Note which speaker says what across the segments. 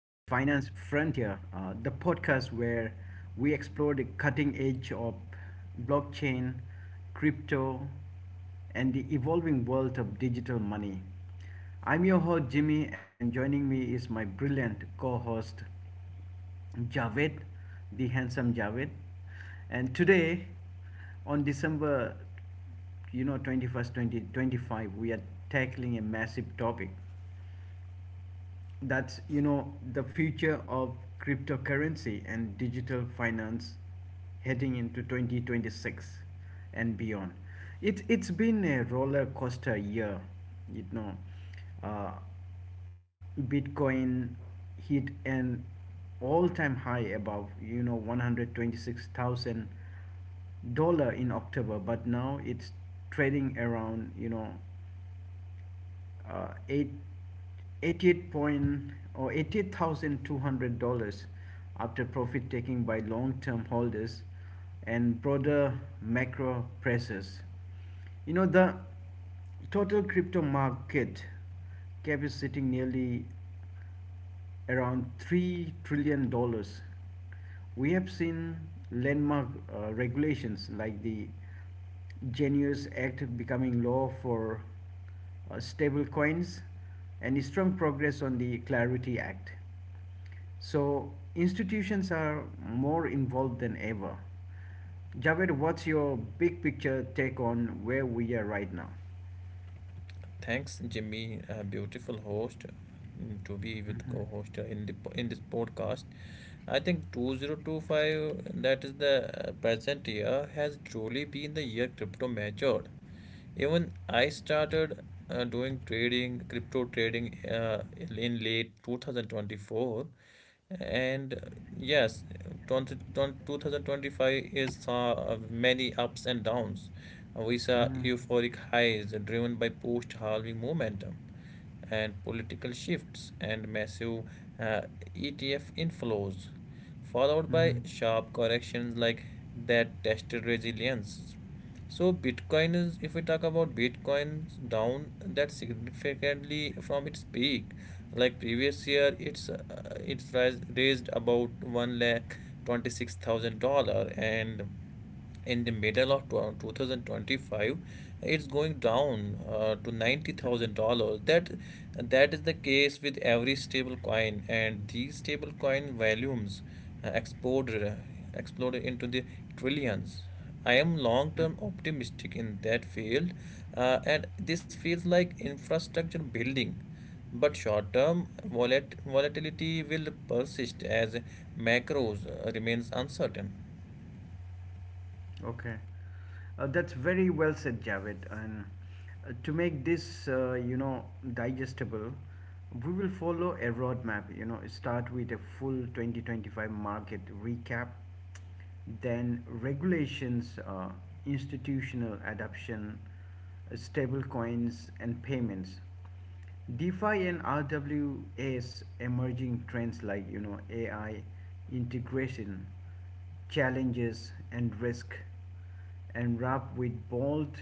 Speaker 1: Frontier, the podcast where we explore the cutting edge of blockchain, crypto, and the evolving world of digital money. I'm your host, Jimmy, and joining me is my brilliant co host. Javed, the handsome Javed. And today, on December 21st, 2025, we are tackling a massive topic that's the future of cryptocurrency and digital finance heading into 2026 and beyond. It's been a roller coaster year. you know uh, Bitcoin hit an all-time high above $126,000 in October, but now it's trading around eight, eighty-eight point or $88,200 after profit taking by long-term holders and broader macro pressures. The total crypto market cap is sitting nearly around $3 trillion dollars. We have seen landmark regulations like the Genius Act becoming law for stablecoins, and strong progress on the Clarity Act. So institutions are more involved than ever. Javed, what's your big picture take on where we are right now?
Speaker 2: Thanks, Jimmy, a beautiful host, to be with
Speaker 1: Hmm.
Speaker 2: co-host in the in this podcast. I think 2025, that is the present year, has truly been the year crypto matured. Even I started doing trading, crypto trading in late 2024. And yes, 2025 is many ups and downs. We saw
Speaker 1: Hmm.
Speaker 2: euphoric highs driven by post-halving momentum and political shifts and massive uh, ETF inflows, followed by sharp corrections like that tested resilience. So Bitcoin is, if we talk about Bitcoin's down that significantly from its peak, like previous year, it's raised about $126,000, and in the middle of 2025 it's going down to $90,000. That is the case with every stable coin, and these stable coin volumes uh, exploded exploded into the trillions. I am long term
Speaker 1: Hmm.
Speaker 2: optimistic in that field, and this feels like infrastructure building, but short term volatility will persist as macros remains uncertain.
Speaker 1: Okay, that's very well said, Javed. And to make this digestible, we will follow a roadmap. Start with a full 2025 market recap, then regulations, institutional adoption, stable coins, and payments. DeFi and RWA's emerging trends like AI integration, challenges and risk, and wrap with bold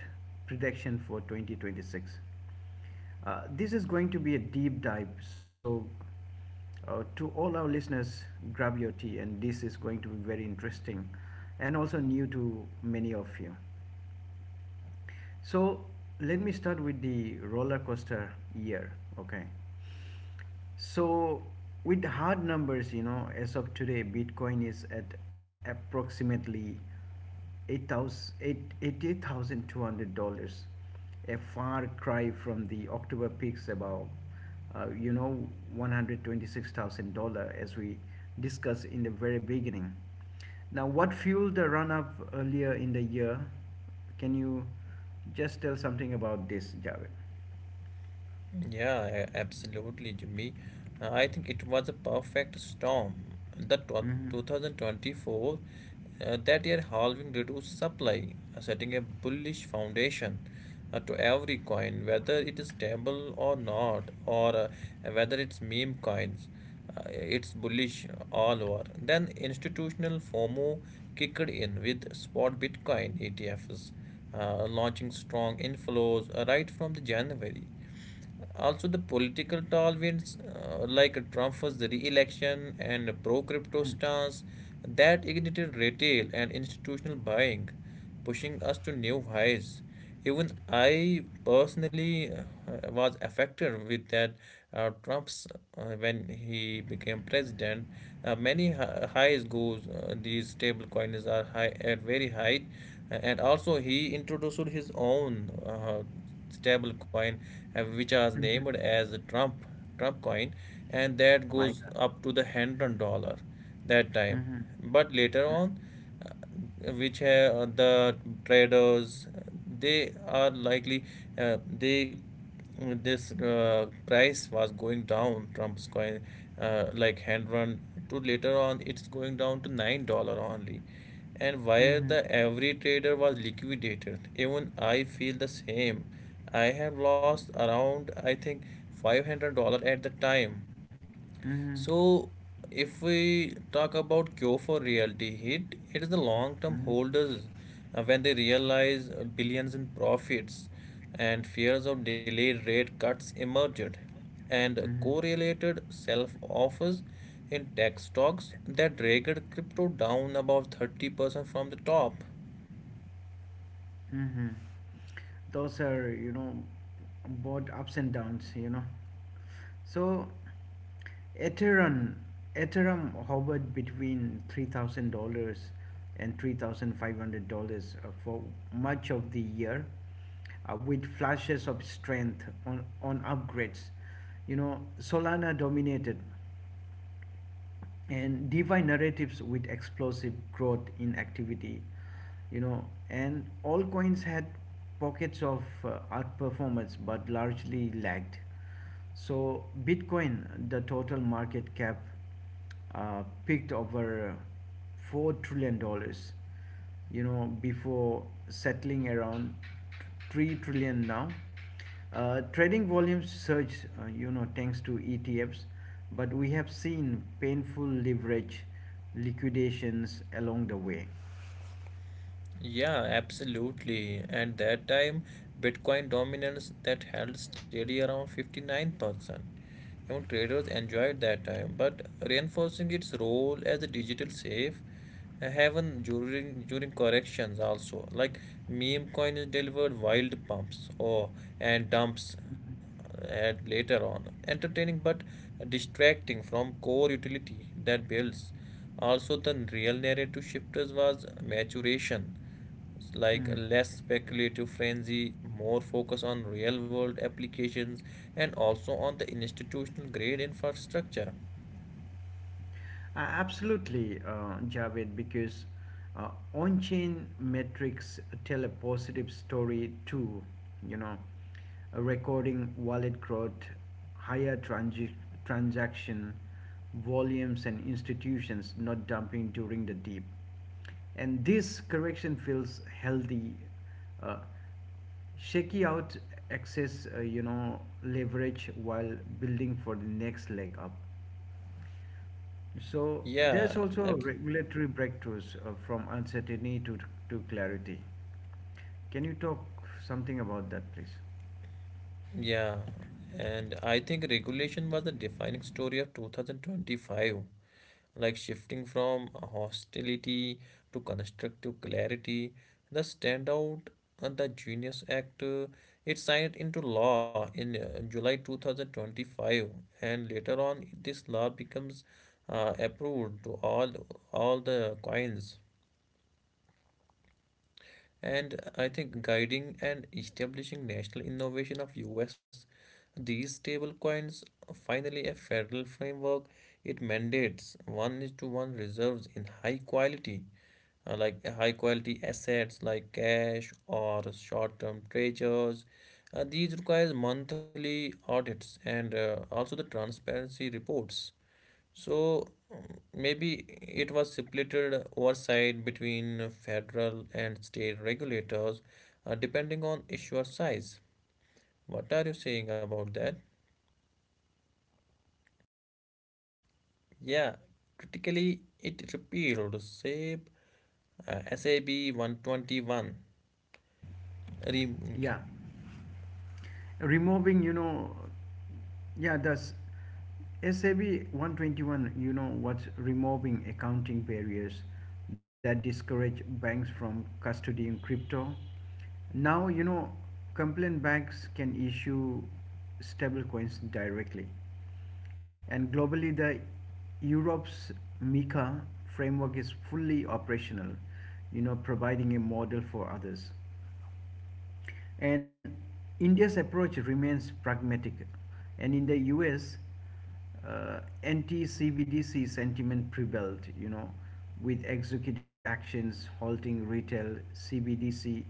Speaker 1: prediction for 2026. This is going to be a deep dive, so to all our listeners, grab your tea, and this is going to be very interesting, and also new to many of you. So let me start with the roller coaster year. Okay, so with hard numbers, as of today, Bitcoin is at approximately $88,200, a far cry from the October peaks, about uh, you know, $126,000 as we discussed in the very beginning. Now, what fueled the run up earlier in the year? Can you just tell something about this, Javed?
Speaker 2: Yeah, absolutely, Jimmy. I think it was a perfect storm. The
Speaker 1: Mm-hmm.
Speaker 2: 2024, that year halving reduced supply, setting a bullish foundation to every coin, whether it is stable or not, or whether it's meme coins. It's bullish all over. Then institutional FOMO kicked in with spot Bitcoin ETFs, launching strong inflows right from the January. Also, the political tolerance, like Trump's re-election and pro-crypto stance, that ignited retail and institutional buying, pushing us to new highs. Even I personally was affected with that Trump's, when he became president. Many highs goes, these stable coins are high at very high, and also he introduced his own. Stable coin, which was
Speaker 1: Mm-hmm.
Speaker 2: named as Trump coin, and that
Speaker 1: My
Speaker 2: goes
Speaker 1: God.
Speaker 2: up to the $100 that time.
Speaker 1: Mhm.
Speaker 2: But later
Speaker 1: Mm.
Speaker 2: on, uh, which have the traders, they are likely, they, this price was going down. Trump's coin, like hand run, to later on it's going down to $9 only, and where
Speaker 1: Mhm.
Speaker 2: the every trader was liquidated. Even I feel the same. I have lost around, I think, $500 at the time.
Speaker 1: Mhm.
Speaker 2: So, if we talk about cure for reality hit, it is the long-term
Speaker 1: Mhm.
Speaker 2: holders when they realize billions in profits and fears of delayed rate cuts emerged, and
Speaker 1: Mhm.
Speaker 2: correlated self-offers in tech stocks that dragged crypto down above 30% from the top.
Speaker 1: Mhm. Those are, both ups and downs, So Ethereum, Ethereum hovered between $3,000 and $3,500 for much of the year, with flashes of strength on upgrades. Solana dominated and divide narratives with explosive growth in activity, you know and all coins had pockets of outperformance but largely lagged. So Bitcoin, the total market cap peaked over 4 trillion dollars, before settling around 3 trillion now. Trading volumes surged, thanks to ETFs, but we have seen painful leverage liquidations along the way.
Speaker 2: Yeah, absolutely. At that time, Bitcoin dominance that held steady around 59%. Know, traders enjoyed that time, but reinforcing its role as a digital safe haven during corrections also. Like meme coins delivered wild pumps or and dumps, at later on, entertaining but distracting from core utility that builds. Also, the real narrative shifters was maturation. It's like
Speaker 1: Hmm.
Speaker 2: less speculative frenzy, more focus on real world applications, and also on the institutional grade infrastructure.
Speaker 1: Absolutely, Javed, because on chain metrics tell a positive story too. You know, a recording wallet growth, higher transaction volumes, and institutions not dumping during the dip. And this correction feels healthy. Uh, Shaky out excess leverage while building for the next leg up. So there's
Speaker 2: Yeah,
Speaker 1: also regulatory breakthroughs from uncertainty to clarity. Can you talk something about that, please?
Speaker 2: yeah. And I think regulation was the defining story of 2025, like shifting from hostility to constructive clarity. The standout, the Genius Act, it signed into law in July 2025, and later on, this law becomes approved to all the coins. And I think guiding and establishing national innovation of US, these stable coins finally a federal framework. It mandates one is to one reserves in high quality, like high quality assets like cash or short term treasures. These requires monthly audits, and also the transparency reports. So maybe it was splitted oversight between federal and state regulators, depending on issuer size. What are you saying about that? Yeah, critically, it repealed SAB 121.
Speaker 1: Yeah, removing, yeah, that's SAB 121, what's removing accounting barriers that discourage banks from custodying crypto. Now, complaint banks can issue stablecoins directly. And globally, the Europe's MiCA framework is fully operational, providing a model for others. And India's approach remains pragmatic. And in the US, anti-CBDC sentiment prevailed, with executive actions halting retail CBDC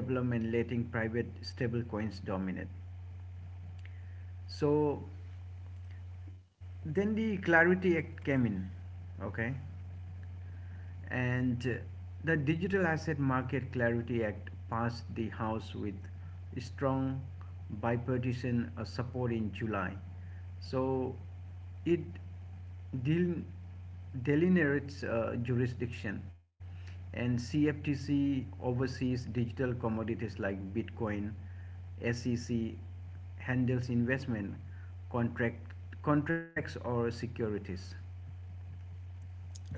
Speaker 1: development, letting private stablecoins dominate. So then the Clarity Act came in. Okay. And the Digital Asset Market Clarity Act passed the House with strong bipartisan support in July. So it del- delineates jurisdiction, and CFTC oversees digital commodities like Bitcoin, SEC handles investment contract contracts or securities.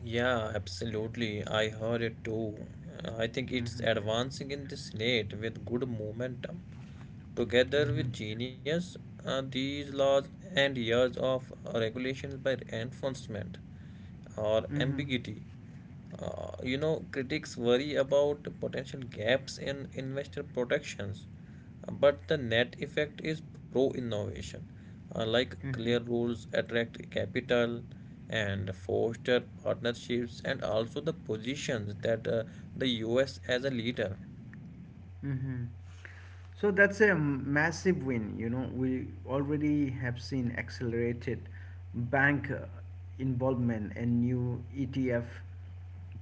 Speaker 2: Yeah, absolutely. I heard it too. I think it's
Speaker 1: Mhm.
Speaker 2: advancing in the Senate with good momentum. Together
Speaker 1: Mhm.
Speaker 2: with genius, these laws and years of regulations by enforcement or
Speaker 1: Mm-hmm.
Speaker 2: ambiguity. Critics worry about potential gaps in investor protections, but the net effect is pro innovation. Like clear
Speaker 1: Mm-hmm.
Speaker 2: rules attract capital and foster partnerships, and also the positions that the US as a leader.
Speaker 1: Mm-hmm. So that's a massive win. We already have seen accelerated bank involvement and new ETF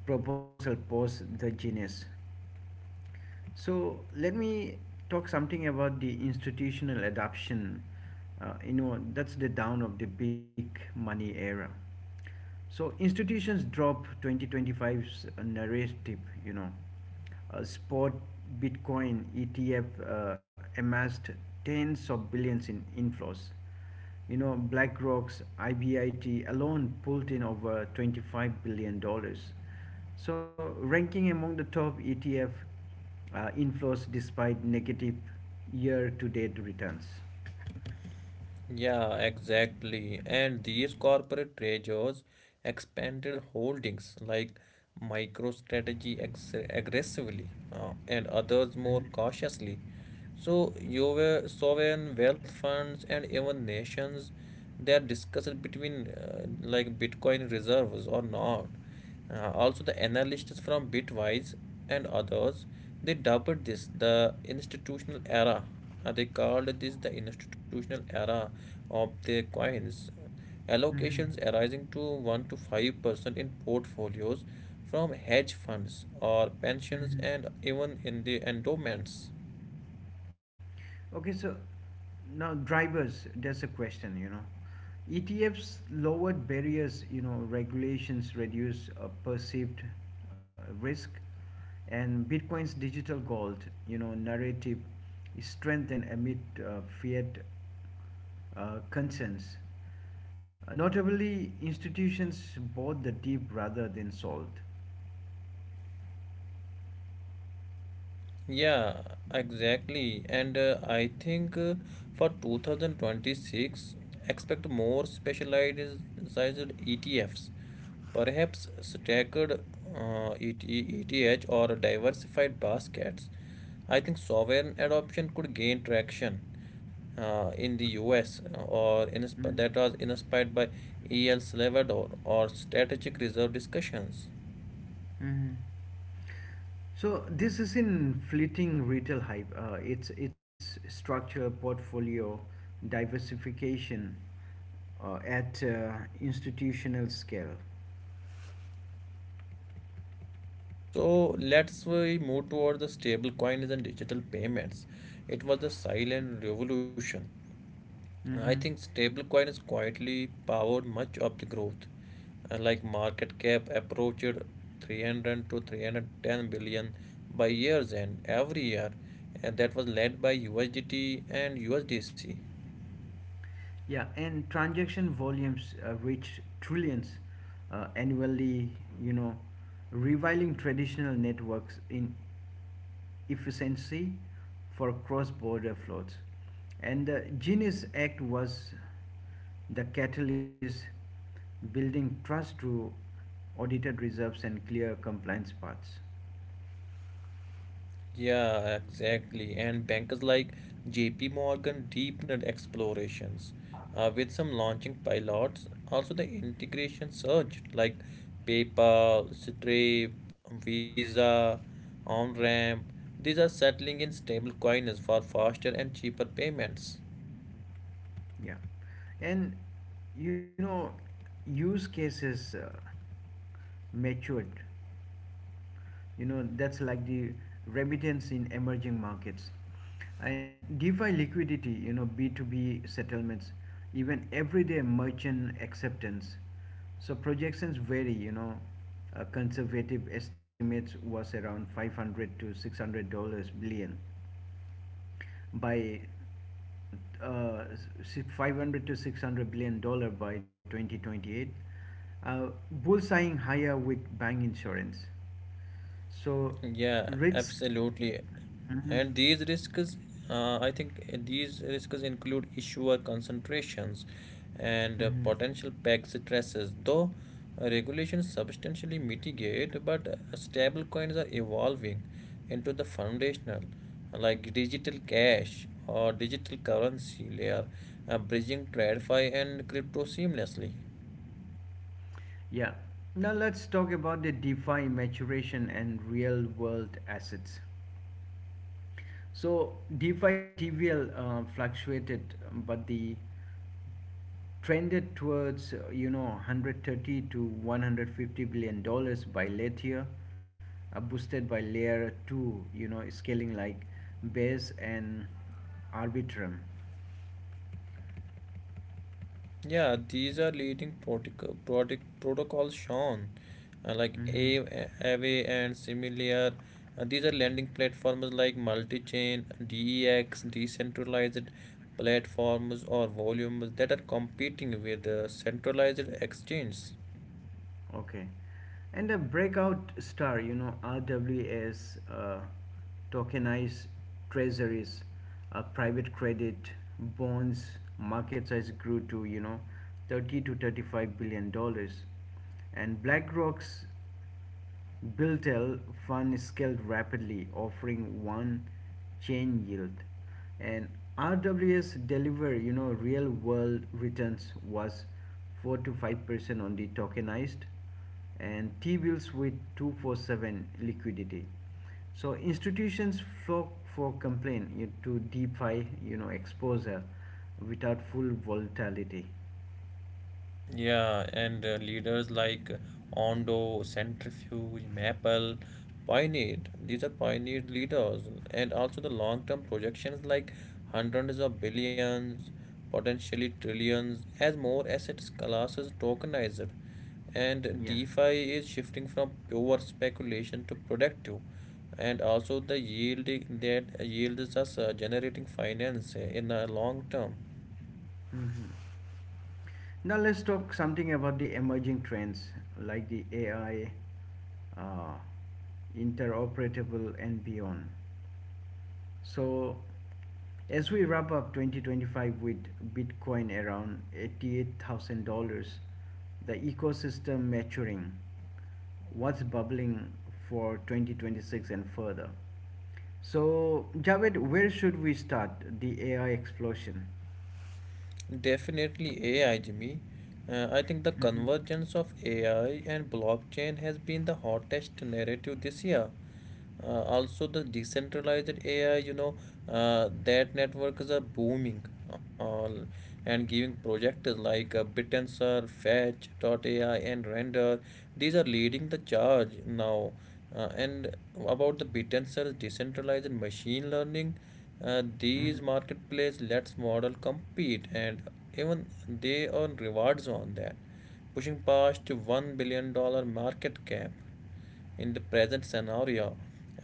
Speaker 1: proposal post the Genius. So let me talk something about the institutional adoption. That's the down of the big money era. So institutions drop 2025's narrative, spot Bitcoin ETF amassed tens of billions in inflows. BlackRock's IBIT alone pulled in over 25 billion dollars, so ranking among the top ETF inflows despite negative year-to-date returns.
Speaker 2: Yeah, exactly. And these corporate treasures expanded holdings like MicroStrategy aggressively, and others more cautiously. So, you were sovereign wealth funds, and even nations, they are discussed between, like Bitcoin reserves or not. Also, the analysts from Bitwise and others, they dubbed this the institutional era. They called this the institutional era of the coins.
Speaker 1: Mm-hmm.
Speaker 2: Allocations arising to 1 to 5% in portfolios from hedge funds or pensions,
Speaker 1: Mm-hmm.
Speaker 2: and even in the endowments.
Speaker 1: Okay, so now drivers, that's a question, ETFs lowered barriers, regulations reduce perceived risk, and Bitcoin's digital gold, narrative is strengthened amid fiat concerns. Notably, institutions bought the dip rather than sold.
Speaker 2: Yeah, exactly. And I think, for 2026, expect more specialized ETFs. Perhaps staggered, uh, ETH or diversified baskets. I think sovereign adoption could gain traction in the US, or in
Speaker 1: Mm.
Speaker 2: that was inspired by El Salvador or strategic reserve discussions.
Speaker 1: Mm-hmm. So this isn't fleeting retail hype. It's structural portfolio diversification at institutional scale.
Speaker 2: So let's we move toward the stablecoins and digital payments. It was the silent revolution. I
Speaker 1: Mm-hmm.
Speaker 2: think stablecoin is quietly powered much of the growth. Like market cap approached 300 to 310 billion by year's end every year, and that was led by USDT and USDC.
Speaker 1: Yeah, and transaction volumes reach trillions annually, you know, reviling traditional networks in efficiency for cross border flows. And the Genius Act was the catalyst, building trust through audited reserves and clear compliance paths.
Speaker 2: Yeah, exactly. And bankers like JP Morgan deepened explorations with some launching pilots. Also, the integration surged like PayPal, Stripe, Visa, OnRamp. These are settling in stable coins for faster and cheaper payments.
Speaker 1: Yeah. And you know, use cases matured, that's like the remittance in emerging markets and defi liquidity, B2B settlements, even everyday merchant acceptance. So projections vary, conservative estimates was around 500 to 600 dollars billion by uh, 500 to 600 billion dollar by 2028, uh, bullseyeing higher with bank insurance. So
Speaker 2: Yeah,
Speaker 1: risk.
Speaker 2: absolutely.
Speaker 1: Mhm.
Speaker 2: And these risks, include issuer concentrations, and
Speaker 1: Mhm.
Speaker 2: potential peg stresses, though regulations substantially mitigate, but stablecoins are evolving into the foundational, like digital cash or digital currency layer, bridging TradFi and crypto seamlessly.
Speaker 1: Yeah. Now let's talk about the DeFi maturation and real world assets. So DeFi TVL fluctuated, but the trended towards 130 to 150 billion dollars by late year, boosted by layer two, scaling like Base and Arbitrum.
Speaker 2: Yeah, these are leading protocols shown, like
Speaker 1: Mhm.
Speaker 2: Aave and similar. These are lending platforms like multi-chain, DEX, decentralized platforms or volumes that are competing with the centralized exchange.
Speaker 1: Okay. And the breakout star, RWS, tokenized treasuries, private credit, bonds, market size grew to, 30 to 35 billion dollars. And BlackRock's Built-L Fun scaled rapidly, offering one chain yield. And RWS deliver, real-world returns was 4 to 5% on the tokenized and T-bills with 24/7 liquidity. So institutions flock for complaint to DeFi, exposure without full volatility.
Speaker 2: Yeah, and leaders like Ondo, Centrifuge, Maple pioneered. These are pioneered leaders, and also the long-term projections like hundreds of billions, potentially trillions, as more asset classes tokenized, and
Speaker 1: Yeah.
Speaker 2: DeFi is shifting from pure speculation to productive, and also the yielding that yields us, generating finance in the long term.
Speaker 1: Now let's talk something about the emerging trends like the AI, uh, interoperable, and beyond. So, as we wrap up 2025 with Bitcoin around $88,000, the ecosystem maturing, what's bubbling for 2026 and further? So, Javed, where should we start the AI explosion?
Speaker 2: Definitely AI, Jimmy. I think the
Speaker 1: Mhm.
Speaker 2: convergence of AI and blockchain has been the hottest narrative this year. Also, the decentralized AI, that networks are booming all and giving projects like Bittensor, AI, and Render. These are leading the charge now. And about the Bittensor decentralized machine learning,
Speaker 1: Mhm.
Speaker 2: these marketplace lets model compete and even they earn rewards on that, pushing past $1 billion dollar market cap in the present scenario.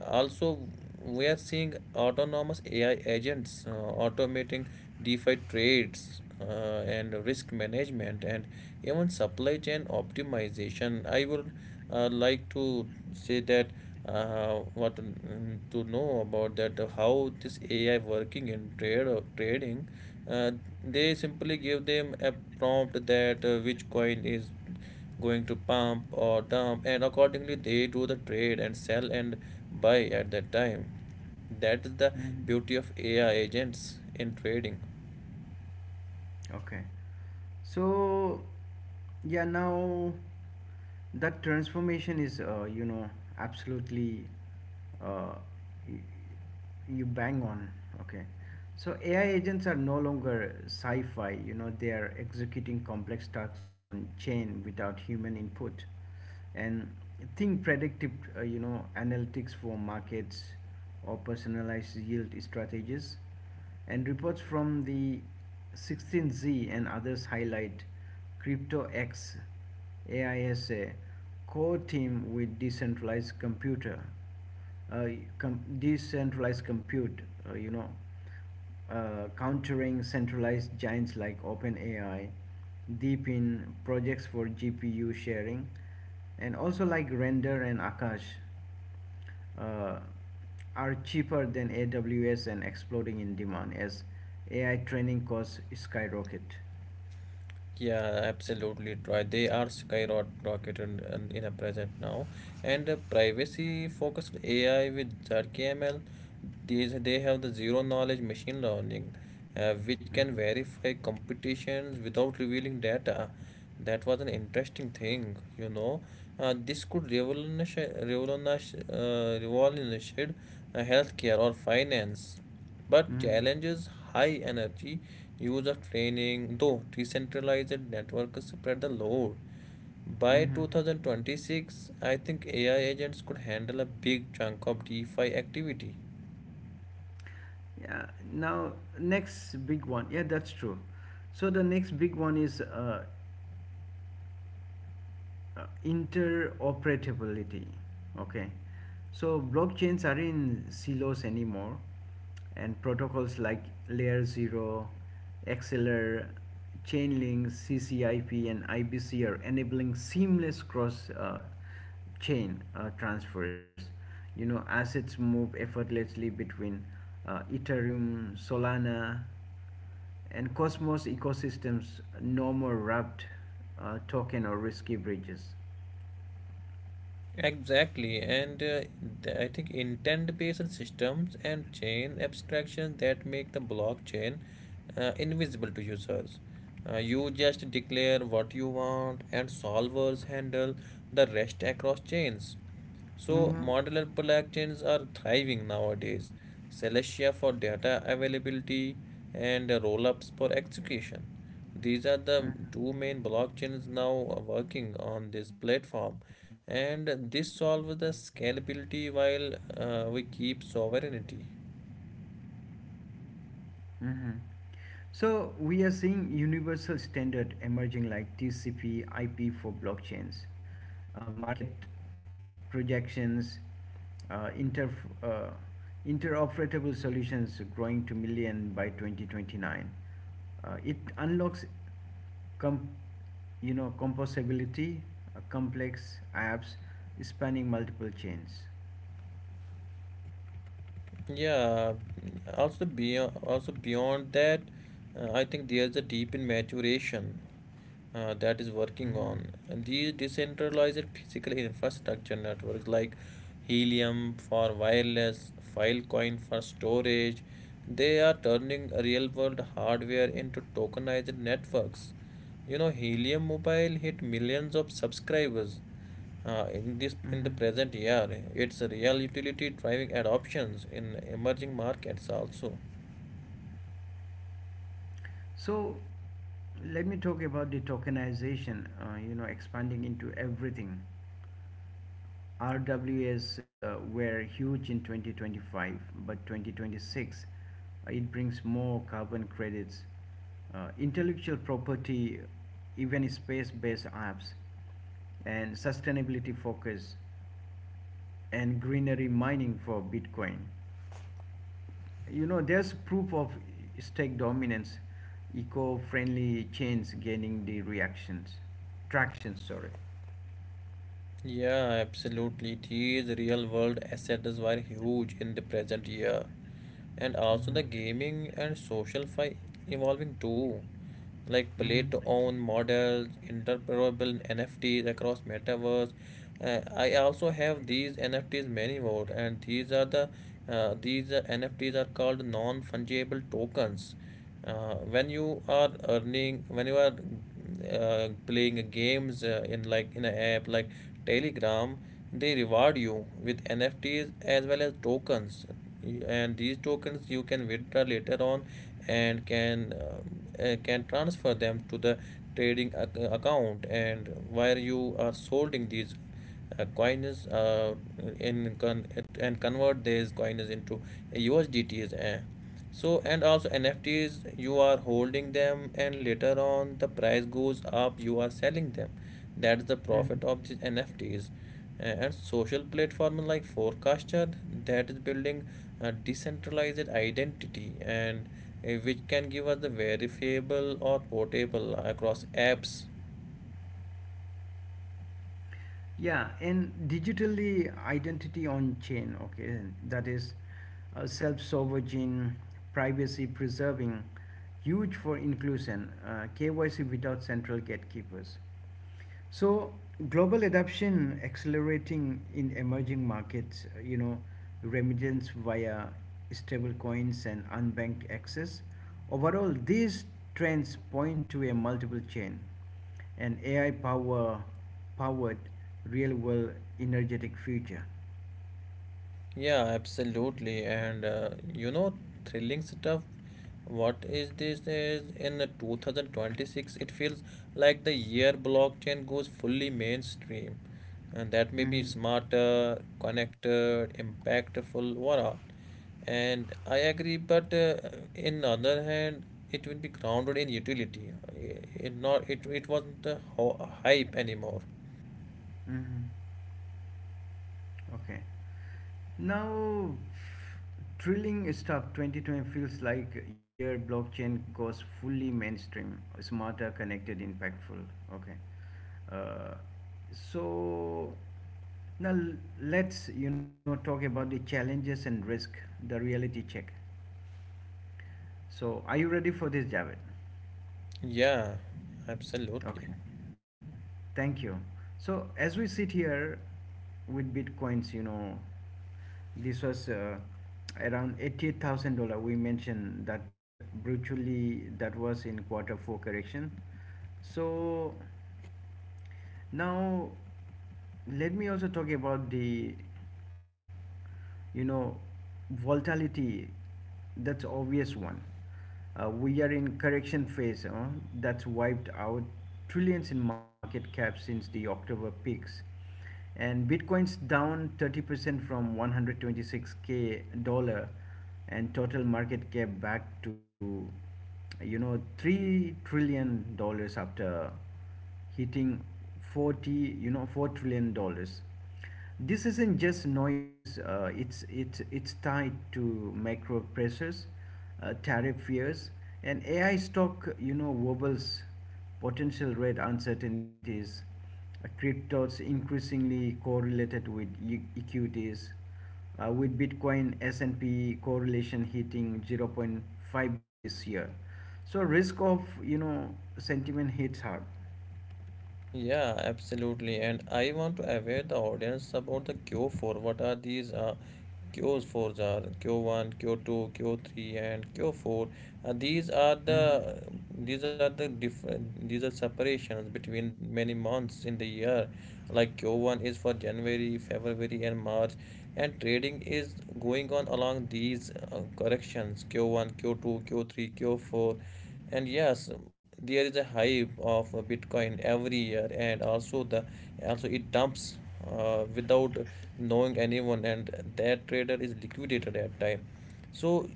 Speaker 2: Also, we are seeing autonomous AI agents automating DeFi trades, and risk management, and even supply chain optimization. I would, like to say that, what, to know about that, how this AI working in trade or trading. They simply give them a prompt that, which coin is going to pump or dump, and accordingly they do the trade and sell and buy at that time. That is the
Speaker 1: Mhm.
Speaker 2: beauty of AI agents in trading.
Speaker 1: Okay. So, yeah, now that transformation is, absolutely uh, y- you bang on. Okay. So AI agents are no longer sci fi, they are executing complex tasks on chain without human input, and think predictive analytics for markets or personalized yield strategies, and reports from the a16z and others highlight CryptoX AISA core team with decentralized computer, uh, decentralized compute, uh, you know countering centralized giants like OpenAI, DeepIn, projects for GPU sharing, and also like Render and Akash, uh, are cheaper than AWS and exploding in demand as AI training costs skyrocket.
Speaker 2: Yeah, absolutely right. They are skyrocketed in a present now, and privacy-focused AI with ZKML, these they have the zero-knowledge machine learning, which can
Speaker 1: Mhm.
Speaker 2: verify competitions without revealing data. That was an interesting thing. This could revolutionize, revolutionize, revolutionize healthcare or finance, but
Speaker 1: Mhm.
Speaker 2: challenges high energy use of training, though decentralized networks spread the load. By
Speaker 1: Mhm.
Speaker 2: 2026, I think AI agents could handle a big chunk of DeFi activity.
Speaker 1: Yeah. Now, next big one. Yeah, that's true. So the next big one is interoperability. Okay. So blockchains are in silos anymore, and protocols like layer 0, xlr, chainlink, ccip and ibc are enabling seamless cross chain transfers. Assets move effortlessly between ethereum, solana and Cosmos ecosystems, no more wrapped token or risky bridges.
Speaker 2: Exactly, and I think intent based systems and chain abstractions that make the blockchain invisible to users. You just declare what you want, and solvers handle the rest across chains. So,
Speaker 1: Mm-hmm.
Speaker 2: modular blockchains are thriving nowadays. Celestia for data availability and Rollups for execution. These are the two
Speaker 1: Mm-hmm.
Speaker 2: main blockchains now working on this platform, and this solves the scalability while we keep sovereignty.
Speaker 1: Hmm. So we are seeing universal standard emerging like TCP IP for blockchains, market projections, uh, inter, uh, interoperable solutions growing to million by 2029. It unlocks com- composability, complex apps spanning multiple chains.
Speaker 2: Yeah, also beyond that, I think there's a deep in maturation. That is working
Speaker 1: Mhm.
Speaker 2: on these decentralized physical infrastructure networks like Helium for wireless, Filecoin for storage. They are turning real world hardware into tokenized networks. You know, Helium Mobile hit millions of subscribers in the
Speaker 1: Mhm.
Speaker 2: present year. It's a real utility driving adoptions in emerging markets also.
Speaker 1: So let me talk about the tokenization, expanding into everything. RWAs were huge in 2025, but 2026 it brings more carbon credits, intellectual property, even space based apps, and sustainability focus, and greenery mining for Bitcoin. There's proof of stake dominance, eco-friendly chains gaining the reactions, traction, sorry.
Speaker 2: Yeah, absolutely. These real world assets were huge in the present year. And also the
Speaker 1: Mm-hmm.
Speaker 2: gaming and social fi evolving too. Like play to own
Speaker 1: Mm-hmm.
Speaker 2: models, interoperable NFTs across metaverse, I also have these NFTs many more, and these are these NFTs are called non-fungible tokens. When you are earning, when you are playing games in like in an app like Telegram, they reward you with NFTs as well as tokens, and these tokens you can withdraw later on and can transfer them to the trading account and where you are holding these coins in con- and convert these coins into USDTs. Eh. So and also NFTs you are holding them and later on the price goes up you are selling them. That's the
Speaker 1: Mm.
Speaker 2: profit of these NFTs. And social platform like Forecaster that is building a decentralized identity and which can give us the verifiable or portable across apps.
Speaker 1: Yeah, and digitally identity on chain, okay, that is self-sovereign, privacy preserving, huge for inclusion, KYC without central gatekeepers. So global adoption accelerating in emerging markets, remittance via stable coins and unbanked access. Overall, these trends point to a multiple chain, an AI powered real world energetic future.
Speaker 2: Yeah, absolutely. And thrilling stuff. What is this? Is in the 2026, it feels like the year blockchain goes fully mainstream. And that may be
Speaker 1: Mm-hmm.
Speaker 2: smarter, connected, impactful, what all. And I agree, but in other hand, it will be grounded in utility. It not it, it wasn't a hype anymore.
Speaker 1: Mm-hmm. Okay. Now, drilling stuff, 2020 feels like year blockchain goes fully mainstream, smarter, connected, impactful. Okay. Uh, so now let's talk about the challenges and risk, the reality check. So are you ready for this, Javed?
Speaker 2: Yeah, absolutely.
Speaker 1: Okay. Thank you. So as we sit here with bitcoins, this was around $88,000. We mentioned that brutally that was in Q4 correction. So now let me also talk about the you know volatility, that's obvious one. We are in correction phase, huh? That's wiped out trillions in market cap since the October peaks, and bitcoin's down 30% from 126K dollar, and total market cap back to, 3 trillion dollars after hitting 40 you know 4 trillion dollars. This isn't just noise. It's tied to macro pressures, tariff fears and ai stock, wobbles, potential rate uncertainties. Cryptos increasingly correlated with equities, with bitcoin s&p correlation hitting zero point 0.5 this year. So risk of, sentiment hits hard.
Speaker 2: Yeah, absolutely. And I want to aware the audience about the Q4. What are these Qs for? Are Q1, Q2, Q3, and Q4. Uh, these are
Speaker 1: Mm-hmm.
Speaker 2: the these are the different these are separations between many months in the year. Like Q1 is for January, February, and March, and trading is going on along these corrections Q1 Q2 Q3 Q4. And yes, there is a hype of bitcoin every year, and also the also it dumps without knowing anyone, and that trader is liquidated at time. So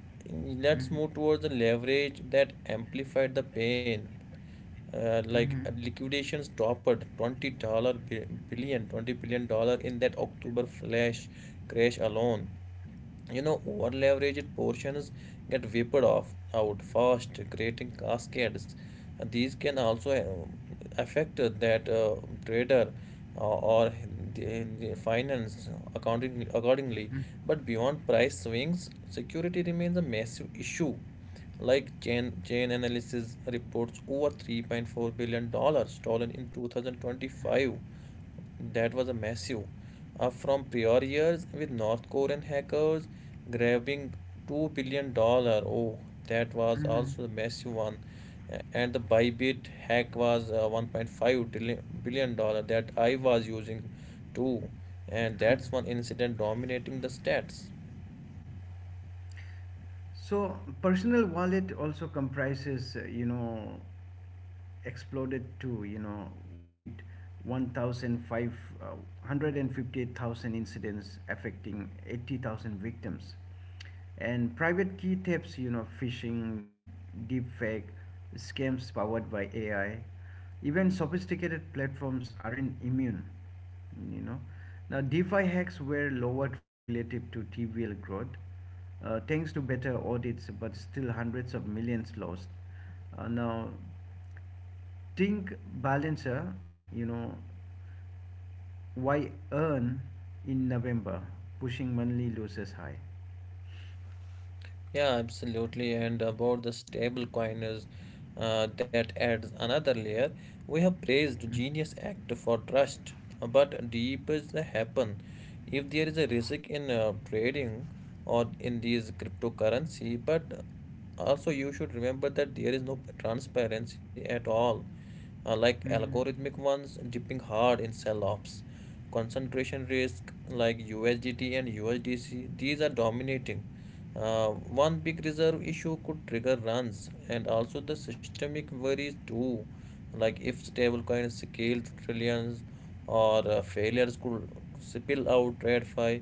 Speaker 1: Mm-hmm.
Speaker 2: let's move towards the leverage that amplified the pain,
Speaker 1: Mm-hmm.
Speaker 2: liquidations topped 20 dollar $20 billion in that october flash crash alone. You know, over-leveraged portions get whipped off out fast creating cascades. These can also affect that trader or the, the finance accounting
Speaker 1: Mm-hmm.
Speaker 2: accordingly. But beyond price swings, security remains a massive issue. Like chain analysis reports over 3.4 $ billion stolen in 2025. That was a massive up from prior years, with North Korean hackers grabbing $2 billion. Oh, that was
Speaker 1: Mm-hmm.
Speaker 2: also a massive one. And the Bybit hack was 1.5 $ billion that I was using too. And that's one incident dominating the stats.
Speaker 1: So personal wallet also comprises, exploded to, with one thousand five hundred and fifty-eight thousand incidents affecting 80,000 victims. And private key tips, phishing, deepfake, scams powered by AI, even sophisticated platforms aren't immune, you know. Now, DeFi hacks were lowered relative to TVL growth, thanks to better audits, but still hundreds of millions lost. Now, think balancer, why earn in November, pushing monthly losses high?
Speaker 2: Yeah, absolutely. And about the stable coiners, that adds another layer. We have praised Genius Act for trust, but deep is the happen. If there is a risk in trading or in these cryptocurrency, but also you should remember that there is no transparency at all, like
Speaker 1: Mm-hmm.
Speaker 2: algorithmic ones dipping hard in sell offs. Concentration risk like USDT and USDC, these are dominating. Uh, One big reserve issue could trigger runs, and also the systemic worries too, like if stablecoins scale to trillions or failures could spill out TradFi,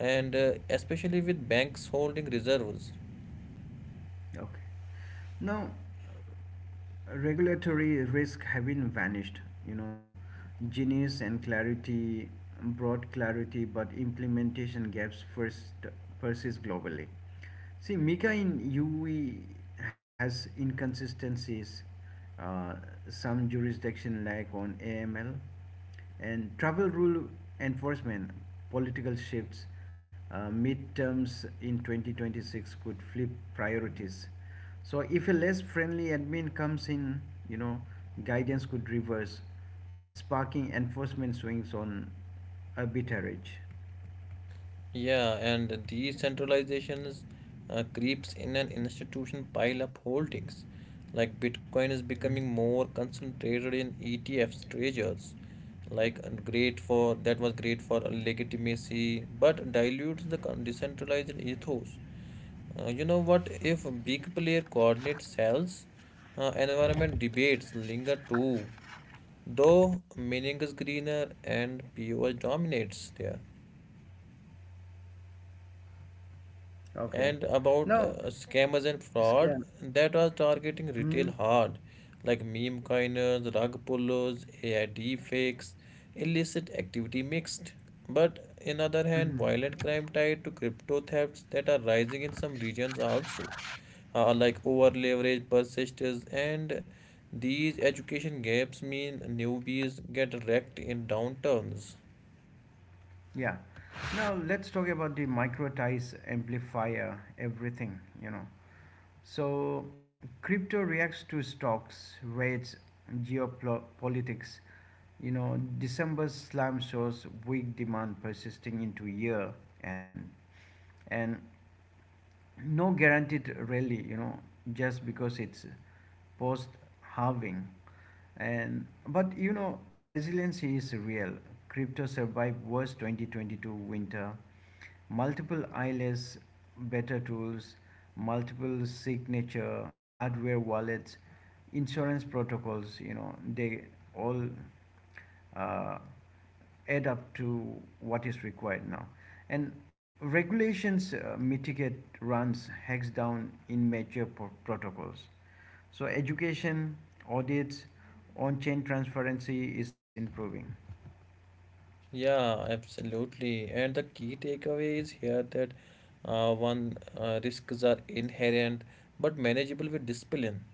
Speaker 2: and especially with banks holding reserves.
Speaker 1: Okay. Now, regulatory risk haven't vanished. you know Genius and clarity brought clarity but implementation gaps first persist globally. See mica in ue has inconsistencies, uh, some jurisdiction lag on aml and travel rule enforcement, political shifts, midterms in 2026 could flip priorities. So if a less friendly admin comes in, you know, guidance could reverse, sparking enforcement swings on arbitrage.
Speaker 2: Yeah, and decentralizations creeps in and institution pile up holdings. Like Bitcoin is
Speaker 1: Mhm.
Speaker 2: becoming more concentrated in ETFs, treasures. Like great for that was great for legitimacy, but dilutes the decentralized ethos. You know what? If big player coordinate cells, environment debates linger too. Though meaning is greener and POS dominates there.
Speaker 1: Okay.
Speaker 2: And about
Speaker 1: Now,
Speaker 2: scammers and fraud
Speaker 1: scam.
Speaker 2: that was targeting
Speaker 1: Mhm.
Speaker 2: retail hard, like meme coiners, rug pullers, AI deepfakes, illicit activity mixed. But in other hand,
Speaker 1: Mhm.
Speaker 2: violent crime tied to crypto thefts that are rising in some regions also, like over leverage persistence and these education gaps mean newbies get wrecked in downturns.
Speaker 1: Yeah. Now let's talk about the microtize amplifier. Everything, So crypto reacts to stocks, rates, geopolitics. December's slump shows weak demand persisting into year end, and no guaranteed rally, just because it's post halving. And but resiliency is real. Crypto survived worst 2022 winter, multiple ILS, better tools, multiple signature hardware wallets, insurance protocols, they all uh, add up to what is required now. And regulations mitigate runs hex down in protocols. So education, audits, on-chain transparency is improving.
Speaker 2: Yeah, absolutely. And the key takeaway is here that one risks are inherent but manageable with discipline.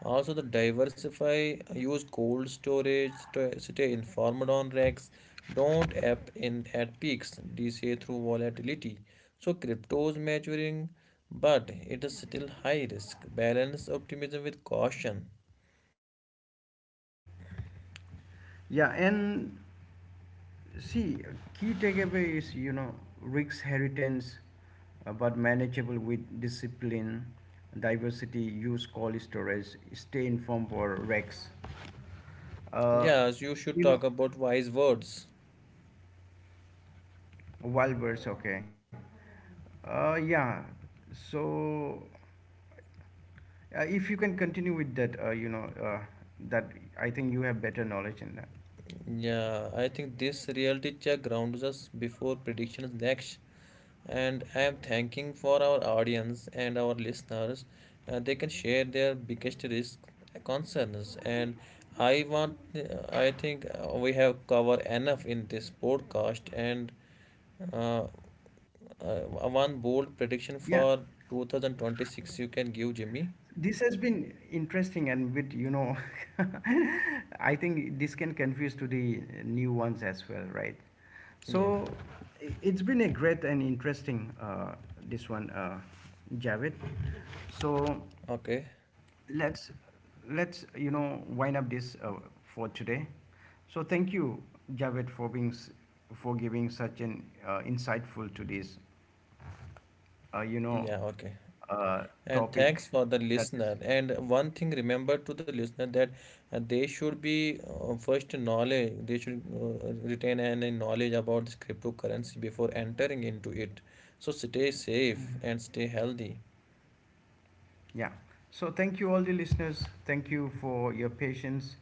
Speaker 2: Also, the diversify, use cold storage, stay informed on racks, don't app in at peaks, DCA through volatility. So, crypto's maturing, but it is still high risk. Balance optimism with caution.
Speaker 1: Yeah, and see, key takeaway is, risk heritage, but manageable with discipline, diversity, use call storage, stay informed for Rex. Uh,
Speaker 2: Yes, you should
Speaker 1: you know,
Speaker 2: talk about wise words.
Speaker 1: Wild birds, okay. Yeah. So if you can continue with that, that I think you have better knowledge in that.
Speaker 2: Yeah, I think this reality check grounds us before predictions next. And I am thanking for our audience and our listeners. They can share their biggest risk concerns. And I want, I think we have covered enough in this podcast. And uh, uh, one bold prediction
Speaker 1: Yeah.
Speaker 2: for 2026 you can give, Jimmy.
Speaker 1: This has been interesting, and with, I think this can confuse to the new ones as well, right?
Speaker 2: Yeah,
Speaker 1: So it's been a great and interesting this one, Javed. So
Speaker 2: okay.
Speaker 1: let's let's wind up this, for today. So thank you, Javed, for being for giving such an insightful to this, uh, you know,
Speaker 2: Yeah, okay.
Speaker 1: uh,
Speaker 2: And
Speaker 1: topic
Speaker 2: thanks for the
Speaker 1: that is.
Speaker 2: listener. And one thing
Speaker 1: Yeah.
Speaker 2: remember to the listener that they should be first knowledge. They should retain any knowledge about this cryptocurrency before entering into it. So stay safe and stay healthy.
Speaker 1: Yeah. So thank you all the listeners. Thank you for your patience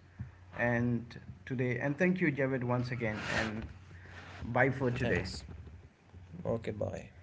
Speaker 1: and today, and thank you Javed once again, and bye for today.
Speaker 2: Thanks. Okay, bye.